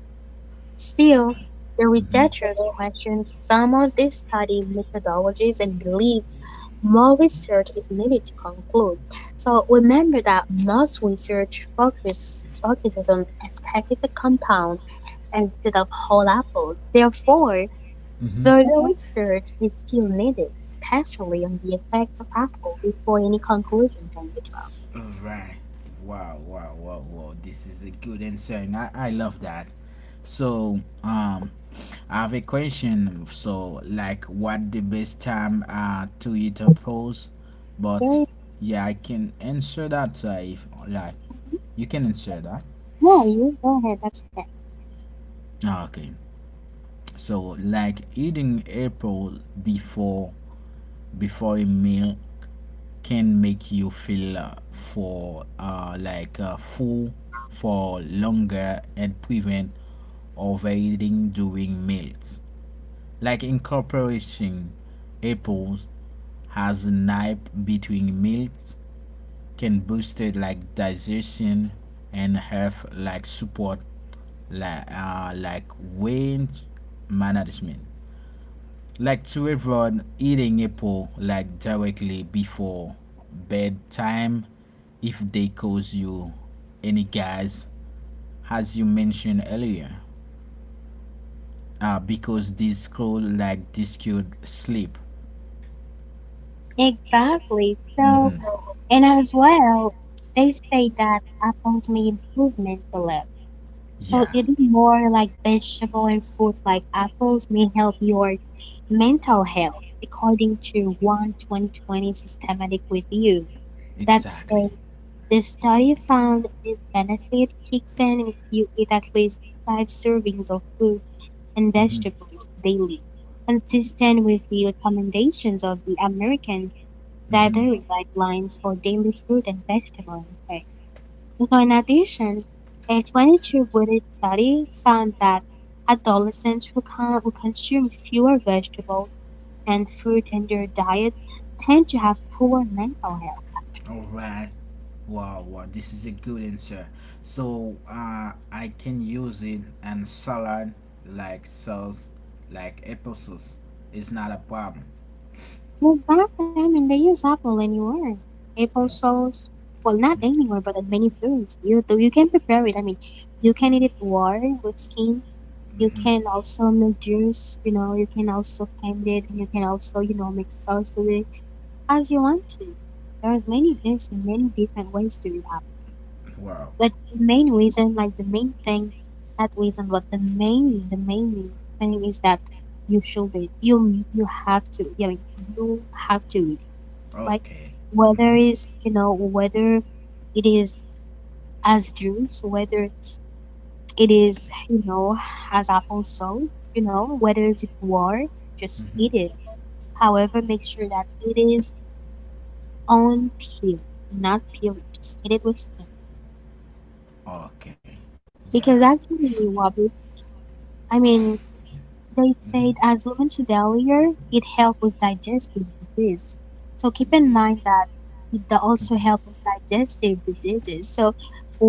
Still, the
Mm-hmm.
researchers question some of these study methodologies and believe more research is needed to conclude. So remember that most research focuses on a specific compound instead of whole apples. Therefore,
Mm-hmm.
further research is still needed, especially on the effects of apple, before any conclusion can be drawn.
All right. Wow, wow, wow, wow. This is a good answer, and I love that. So, I have a question. So, like, what the best time to eat a pose? But
Very
yeah, I can answer that. If like you can answer that.
No, you go ahead. That's okay.
Okay. So, like eating apple before a meal can make you feel for like full for longer and prevent overeating during meals. Like incorporating apples as a nap between meals can boost it like digestion and have like support like weight management, like to everyone eating apple like directly before bedtime if they cause you any gas, as you mentioned earlier, because this could like this could sleep.
Exactly. So,
Mm-hmm.
and as well, they say that apples may improve mental health. So
Yeah,
eating more like vegetable and fruit like apples may help your mental health, according to one 2020 systematic review. That
exactly.
says the study found this benefit kicks in if you eat at least five servings of food. And
Hmm.
vegetables daily, consistent with the recommendations of the American
Mm-hmm.
Dietary Guidelines for Daily Fruit and Vegetable Intake. So in addition, a 22-week study found that adolescents who, who consume fewer vegetables and fruit in their diet tend to have poor mental health.
All right. Wow, wow, this is a good answer. So I can use it and salad like sauce, like apple sauce. It's not a problem.
Well, back then, when they use apple anywhere, apple sauce. Well, not anywhere, but in many foods. You do, you can prepare it. I mean, you can eat it warm with skin. You
Mm-hmm.
can also make juice. You know, you can also can it, and you can also, make sauce with it as you want to. There's many different ways to do apple.
Wow.
But the main reason, like the main thing, not reason, but the main thing is that you should, you have to. I mean, you have to like
Okay. Mm-hmm.
whether is you know whether it is as juice whether it is you know as apple sauce you know whether is it war just eat it
Mm-hmm.
however make sure that it is on peel not peeled just eat it with skin
Okay. Yeah.
because actually wabi I mean they
Mm-hmm.
said, as we mentioned earlier, it helps with digestive disease. So keep
Yeah.
in mind that it also
Mm-hmm.
helps with digestive diseases. So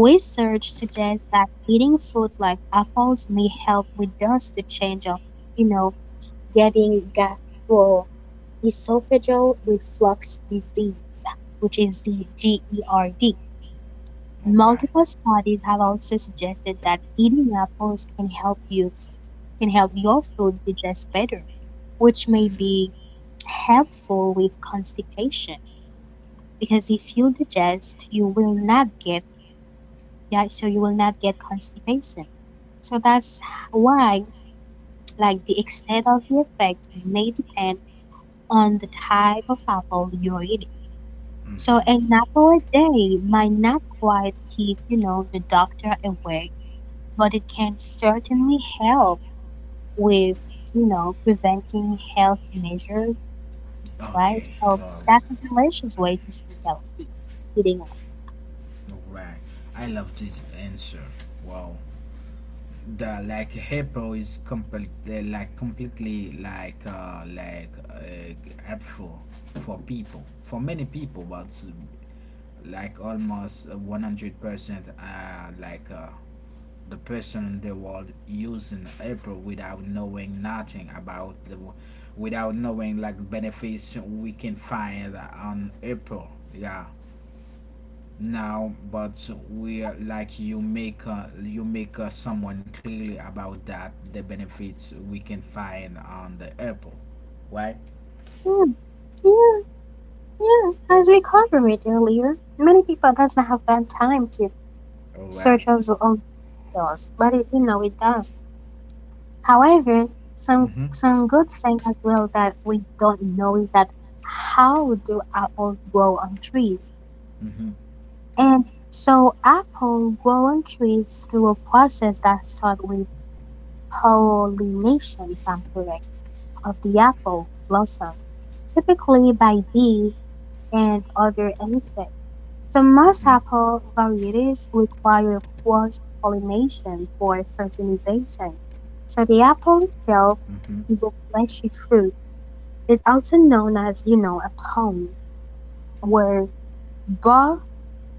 research suggests that eating fruit like apples may help reduce the change of, you know, getting gastroesophageal reflux disease, which is the GERD.
All right.
Multiple studies have also suggested that eating apples can help your food digest better which may
Mm-hmm.
be helpful with constipation because if you digest you will not get yeah so you will not get constipation so that's why like the extent of the effect may depend on the type of apple you're eating so
Mm-hmm.
an apple a day might not quite keep you know the doctor away but it can certainly help with you know preventing health measures right?
Okay,
So
love.
that's a delicious way to stay healthy. Eating out.
Right. I love this answer. Wow. The like April is complete like completely like helpful for people, for many people, but like almost 100% like the person in the world using April without knowing nothing about the without knowing like benefits we can find on April, yeah. Now, but like you make someone clearly about that, the benefits we can find on the apple, right.
Mm, yeah, yeah. As we covered earlier, many people doesn't have that time to
All right.
search us all details, but it, you know it does. However,
Mm-hmm.
some good thing as well that we don't know is that how do apples grow on trees?
Mm-hmm.
And so apple grow on trees through a process that starts with pollination, if I'm correct, of the apple blossom, typically by bees and other insects. So most
Mm-hmm.
apple varieties require cross-pollination for fertilization. So the apple itself
Mm-hmm.
is a fleshy fruit. It's also known as, a palm, where both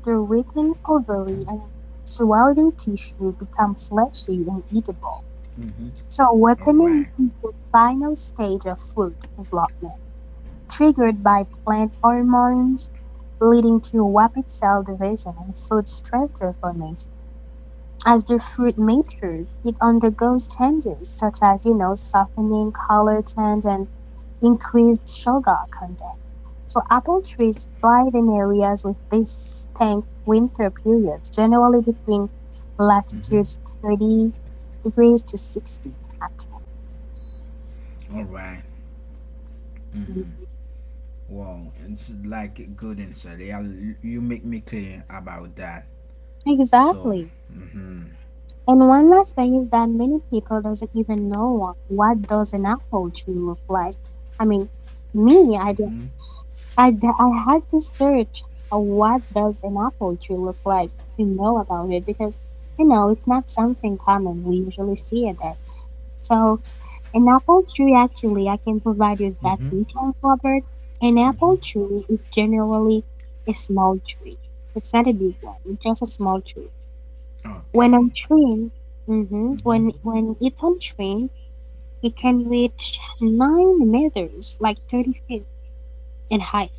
the written ovary and surrounding tissue become fleshy and eatable.
Mm-hmm.
So
All right.
weaponing is the final stage of food development, triggered by plant hormones, leading to rapid cell division and food structure formation. As the fruit matures, it undergoes changes such as, softening, color change, and increased sugar content. So apple trees thrive in areas with distinct winter periods, generally between
Mm-hmm.
latitudes 30 degrees to 60 actually.
All right. Mm-hmm. Wow, it's like a good answer. Yeah, you make me clear about that. So,
Exactly.
mm-hmm.
And one last thing is that many people doesn't even know what does an apple tree look like. I mean, me,
Mm-hmm.
I had to search what does an apple tree look like to know about it because, it's not something common. We usually see it there. So an apple tree actually, I can provide you
Mm-hmm.
that detail, Robert. An
Mm-hmm.
apple tree is generally a small tree. It's not a big one, it's just a small tree when
Okay.
on train, hmm
Mm-hmm.
when it's on train, it can reach 9 meters, like 30 feet in height,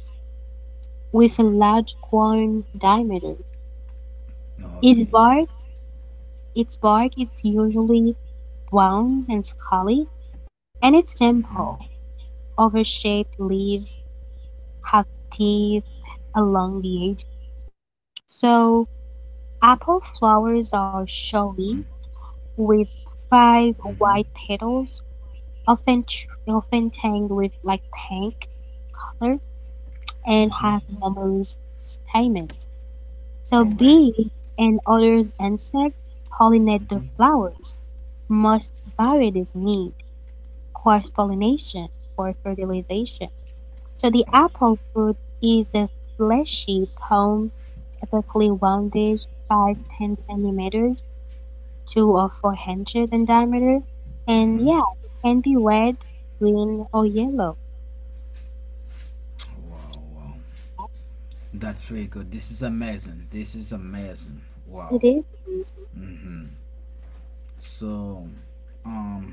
with a large cone diameter.
Okay,
Its
it's
bark, its bark is usually brown and scaly, and it's
mhm,
simple. Oval-shaped leaves have teeth along the edge. So apple flowers
mm,
are showy with
mhm,
5 white petals, often tanged with like pink laughter and
mhm.
have numerous stamens.
All
So
right.
bees and other insects pollinate the
Mhm.
flowers. Most varieties need cross-pollination for fertilization. So the
All.
apple fruit is a fleshy palm, typically rounded 5 to 10 centimeters, 2 or 4 inches in diameter.
Mhm.
And yeah, it can be red, green, or yellow.
Wow, wow. That's really good. This is amazing. This is amazing. Wow.
It is
Mhm. So, um,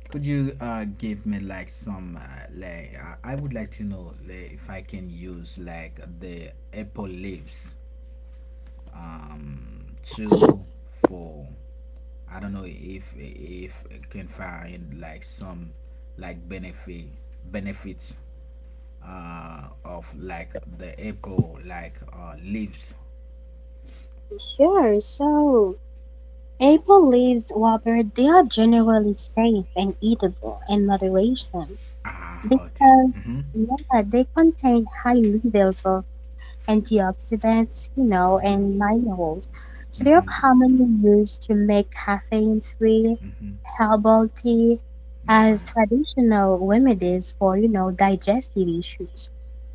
could you give me like some like I would like to know like, if I can use like the apple leaves, um two four. I don't know if I can find like some like benefit benefits of like the apple like leaves.
sure. So apple leaves, Robert, they are generally safe and eatable in moderation
Ah, okay.
because
Mm-hmm.
yeah, they contain high levels of antioxidants,
Mm-hmm.
and minerals. So they
Mm-hmm.
are commonly used to make caffeine-free
Mm-hmm.
herbal tea
All
as
right.
traditional remedies for, digestive issues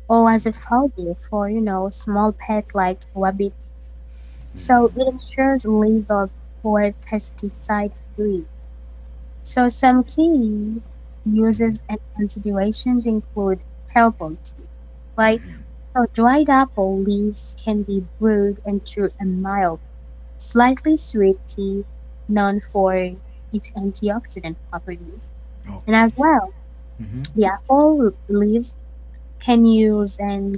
or as a foodie for, small pets like rabbits. So it
Mm-hmm.
ensures leaves are for pesticide free, so some key
Mm-hmm.
uses and considerations include herbal tea. like
Mm-hmm.
so dried apple leaves can be brewed into a mild, slightly sweet tea known for its antioxidant properties. And
Okay.
as well,
Mm-hmm.
the apple leaves can use and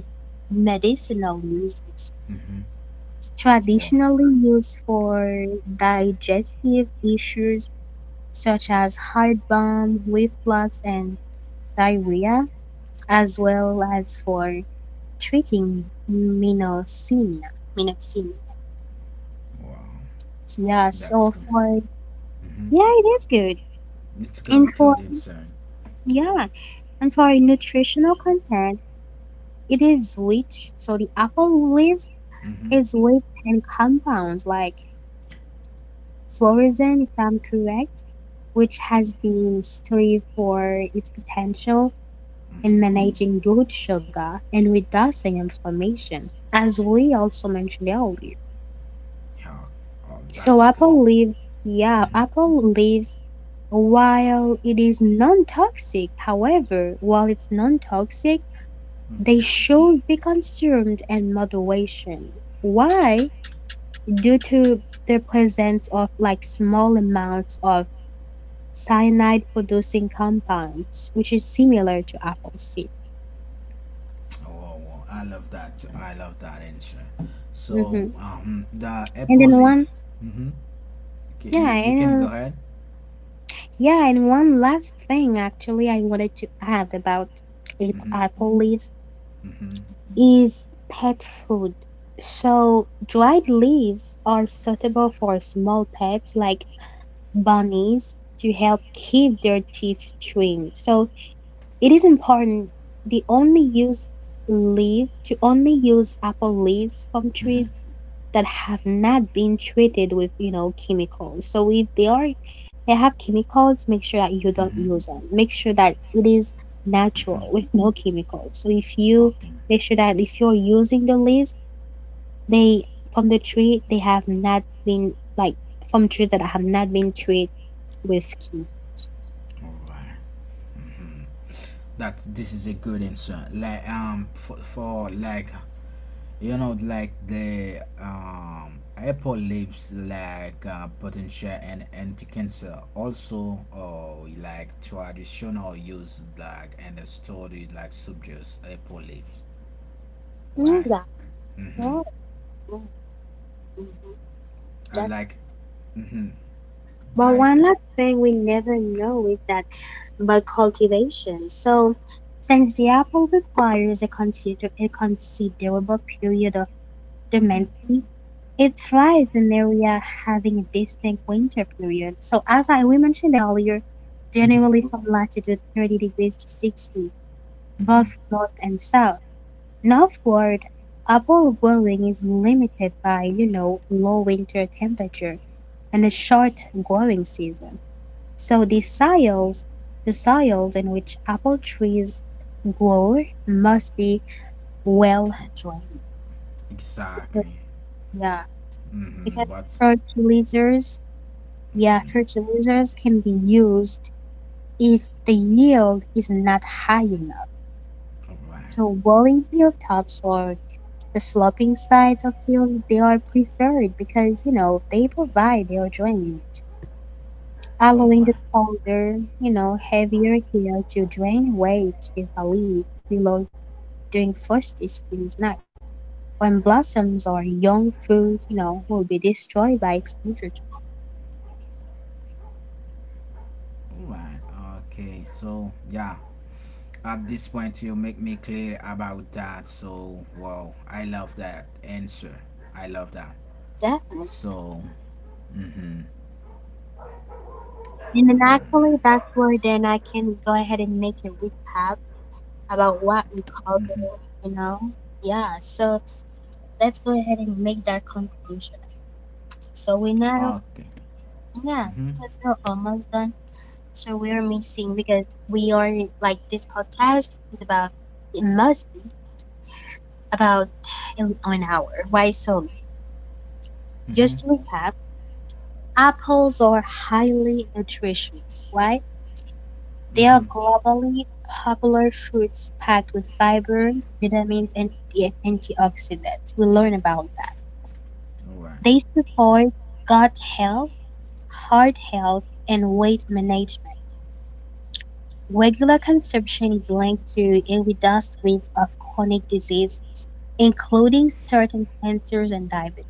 medicinal use,
Mm-hmm. Wow.
traditionally used for digestive issues such as heartburn, reflux, and diarrhea, as well as for treating Minocina. Minocina.
Wow,
Yeah,
that's
so
good.
for
Mm-hmm.
yeah, it is good.
It's
And
good, good
for
inside.
yeah, and for nutritional content, it is rich. So the apple leaf
Mm-hmm.
is rich in compounds like fluorazine, if I'm correct, which has been studied for its potential in
Hmm.
managing blood sugar and reducing inflammation, as we also mentioned earlier.
Yeah, oh, that's
So
good.
apple leaves, yeah,
Hmm.
apple leaves, while it's non-toxic, they
Hmm.
should be consumed in moderation. Why? Due to the presence of like small amounts of cyanide-producing compounds, which is similar to apple seed.
Oh, wow. I love that. Too. I love that answer. So,
hmm
the
And
apple
then
leaf. Mm-hmm. Okay,
yeah,
you can go
and uh,
ahead.
yeah, and one last thing actually I wanted to add about
Mm-hmm.
apple leaves
Mm-hmm.
is pet food. So, dried leaves are suitable for small pets like bunnies to help keep their teeth trimmed. So, it is important they only use leaf to only use apple leaves from
Mm-hmm.
trees that have not been treated with, you know, chemicals. So if they are, they have chemicals, make sure that you
Mm-hmm.
don't use them. Make sure that it is
Mm-hmm.
natural with no chemicals. So if you
Okay.
make sure that if you're using the leaves, they from the tree they have not been like from trees that have not been treated with chemicals.
All right. Mm-hmm. That this is a good answer. Like for like you know like the apple leaves like potential and anti-cancer also like traditional use like and studied like subjects apple leaves,
Mm,
right.
that's
Mm-hmm.
right. Mm, mhm.
I
That's
like mm-hmm.
But
Like
one last thing we never know is that by cultivation. So, since the apple requires a, a considerable period of
mm-hmm.
dormancy, it thrives in area having a distinct winter period. So, as I we mentioned earlier,
Mm-hmm.
generally from latitude 30 degrees to 60,
Mm-hmm.
both north and south. Northward, apple growing is limited by, you know, low winter temperature and a short growing season. So the soils in which apple trees grow must be well drained.
Exactly.
Yeah,
Mm-hmm.
because
But
fertilizers,
mm-hmm.
yeah, fertilizers can be used if the yield is not high enough.
All right,
So rolling hilltops or the sloping sides of hills, they are preferred because, you know, they provide their drain,
all
allowing
right,
the colder, you know, heavier hill to drain away carefully below during first spring night when blossoms or young fruit, you know, will be destroyed by exposure to
all right. Okay, so yeah, at this point you make me clear about that, so wow, I love that answer, I love that,
death.
so mm-hmm.
And then
um,
actually, that's where then I can go ahead and make a recap about what we
mm-hmm.
covered, you know. Yeah, so let's go ahead and make that conclusion. So we
Okay.
now,
Mm-hmm.
yeah, because we're almost done. So we are missing because we are like this podcast is about it must be about an hour. Why so?
Mm-hmm.
Just to recap, apples are highly nutritious, right? They
Mm-hmm.
are globally popular fruits packed with fiber, vitamins, and the antioxidants. We learn about that.
All right.
They support gut health, heart health, and weight management. Regular consumption is linked to a reduced risk of chronic diseases, including certain cancers and diabetes.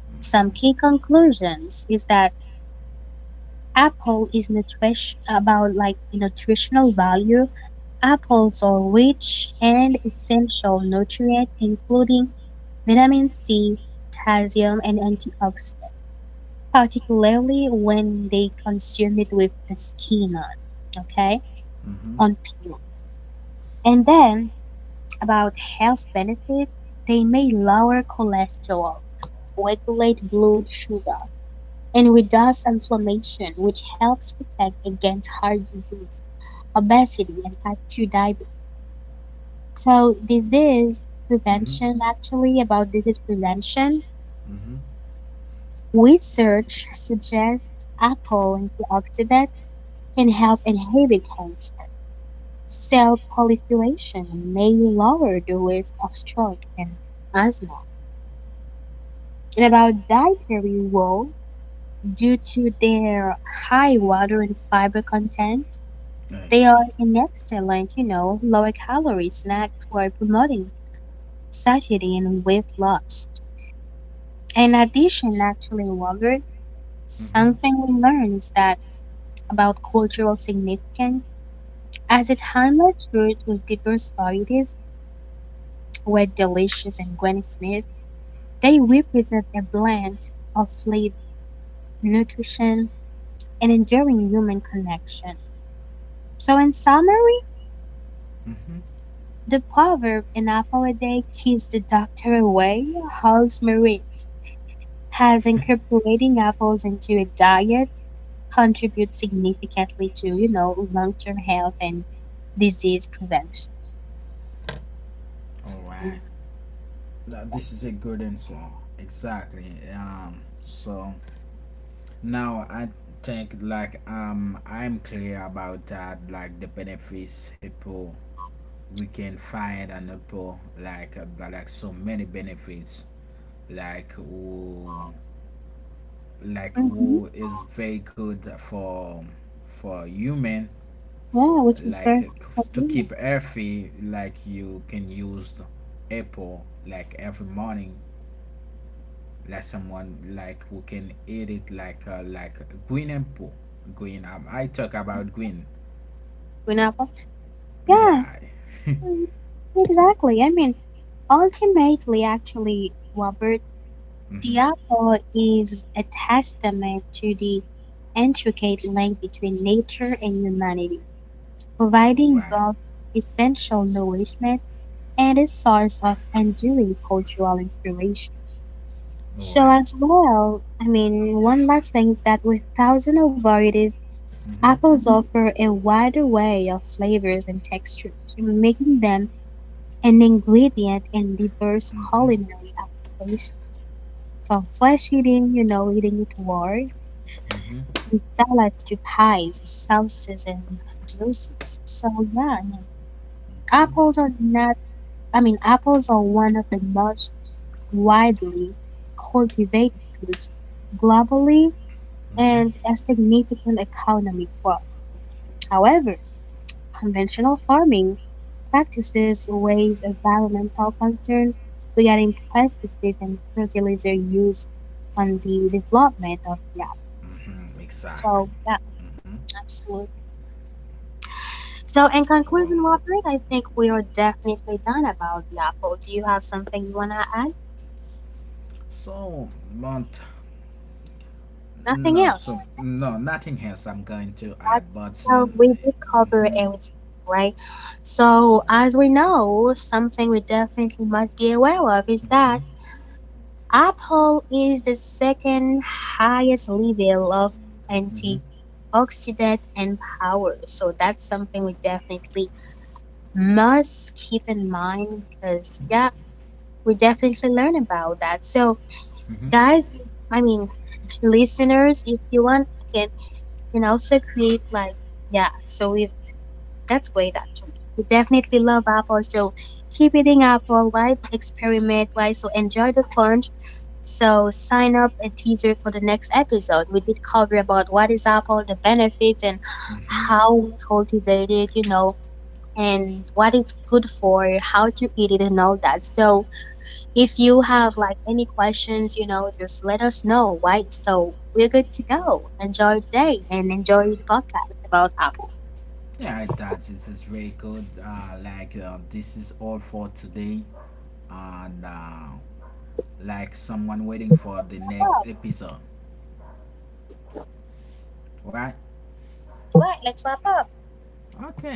Mm-hmm.
Some key conclusions is that apple is nutrish about like nutritional value. Apples are rich and essential nutrients including vitamin C, calcium and antioxidants, particularly when they consume it with the skin on, okay?
Mm-hmm.
On peel. And then about health benefits, they may lower cholesterol, regulate blood sugar, and reduce inflammation, which helps protect against heart disease, obesity and type 2 diabetes. So
Mm-hmm.
this is prevention.
Mm-hmm.
Research suggests apple antioxidants can help inhibit cancer cell proliferation and may lower the risk of stroke and asthma. And about dietary wool, due to their high water and fiber content,
Like
they are an excellent, you know, lower calorie snack for promoting tragedy and with loss. In addition, actually, Robert,
mm-hmm.
something we learn is that about cultural significance, as it highlights foods with diverse varieties, were delicious and Granny Smith, they represent a blend of flavor, nutrition, and enduring human connection. So, in summary,
Mm-hmm.
the proverb "an apple a day keeps the doctor away" holds merit, as
<laughs>
incorporating apples into a diet contribute significantly to, you know, long-term health and disease prevention.
All right, now this is a good answer, exactly. So now I think like I'm clear about that, like the benefits people we can find, and people like so many benefits, like who like who
Mm-hmm.
is very good for human,
Yeah, which
like
is very
to keep
convenient.
healthy, like you can use the apple like every morning, like someone like who can eat it like green apple, green I talk about green.
You know, but-
Yeah.
yeah,
<laughs>
mm, exactly. I mean, ultimately, actually, Robert,
Mhm.
the apple is a testament to the intricate link between nature and humanity,
All right.
providing both essential nourishment and a source of enduring cultural inspiration.
All right.
So as well, I mean, one last thing is that with thousands of varieties,
Mhm.
apples offer a wide array of flavors and textures, making them an ingredient in diverse
Mhm.
culinary applications, from flesh eating, you know, eating it raw,
Mhm.
and salads to pies, sauces, and juices. So yeah, I mean,
Mhm.
apples are not, I mean, apples are one of the most widely cultivated fruits globally
Mhm.
and a significant economic growth. However, conventional farming practices raise environmental concerns regarding pesticides and fertilizer use on the development of crop.
Mhm. Exactly.
So yeah,
Mhm.
absolutely. So in
Well,
conclusion, Robert, I think we are definitely done about the apple. Do you have something you wanna add?
so but no,
Nothing
so
else.
no, nothing else. I'm going to add,
Right?
but you.
So we did cover
Mhm.
everything, right? So, as we know, something we definitely must be aware of is
Mhm.
that Apple is the second highest level of
Mhm.
antioxidant and power. So that's something we definitely must keep in mind because, yeah, we definitely learn about that. So,
Mhm.
guys, I mean, listeners, if you want, can can also create like yeah. So if that's great actually. We definitely love Apple, so keep eating Apple, why experiment, why so enjoy the crunch. So sign up a teaser for the next episode. We did cover about what is Apple, the benefits and
Mm-hmm.
how we cultivate it, you know, and what it's good for, how to eat it and all that. So if you have like any questions, you know, just let us know, right? So we're good to go. Enjoy the day and enjoy the podcast about Apple.
Yeah, that is very good. Like this is all for today, and like someone waiting for the next episode, right?
Right, let's wrap up.
Okay.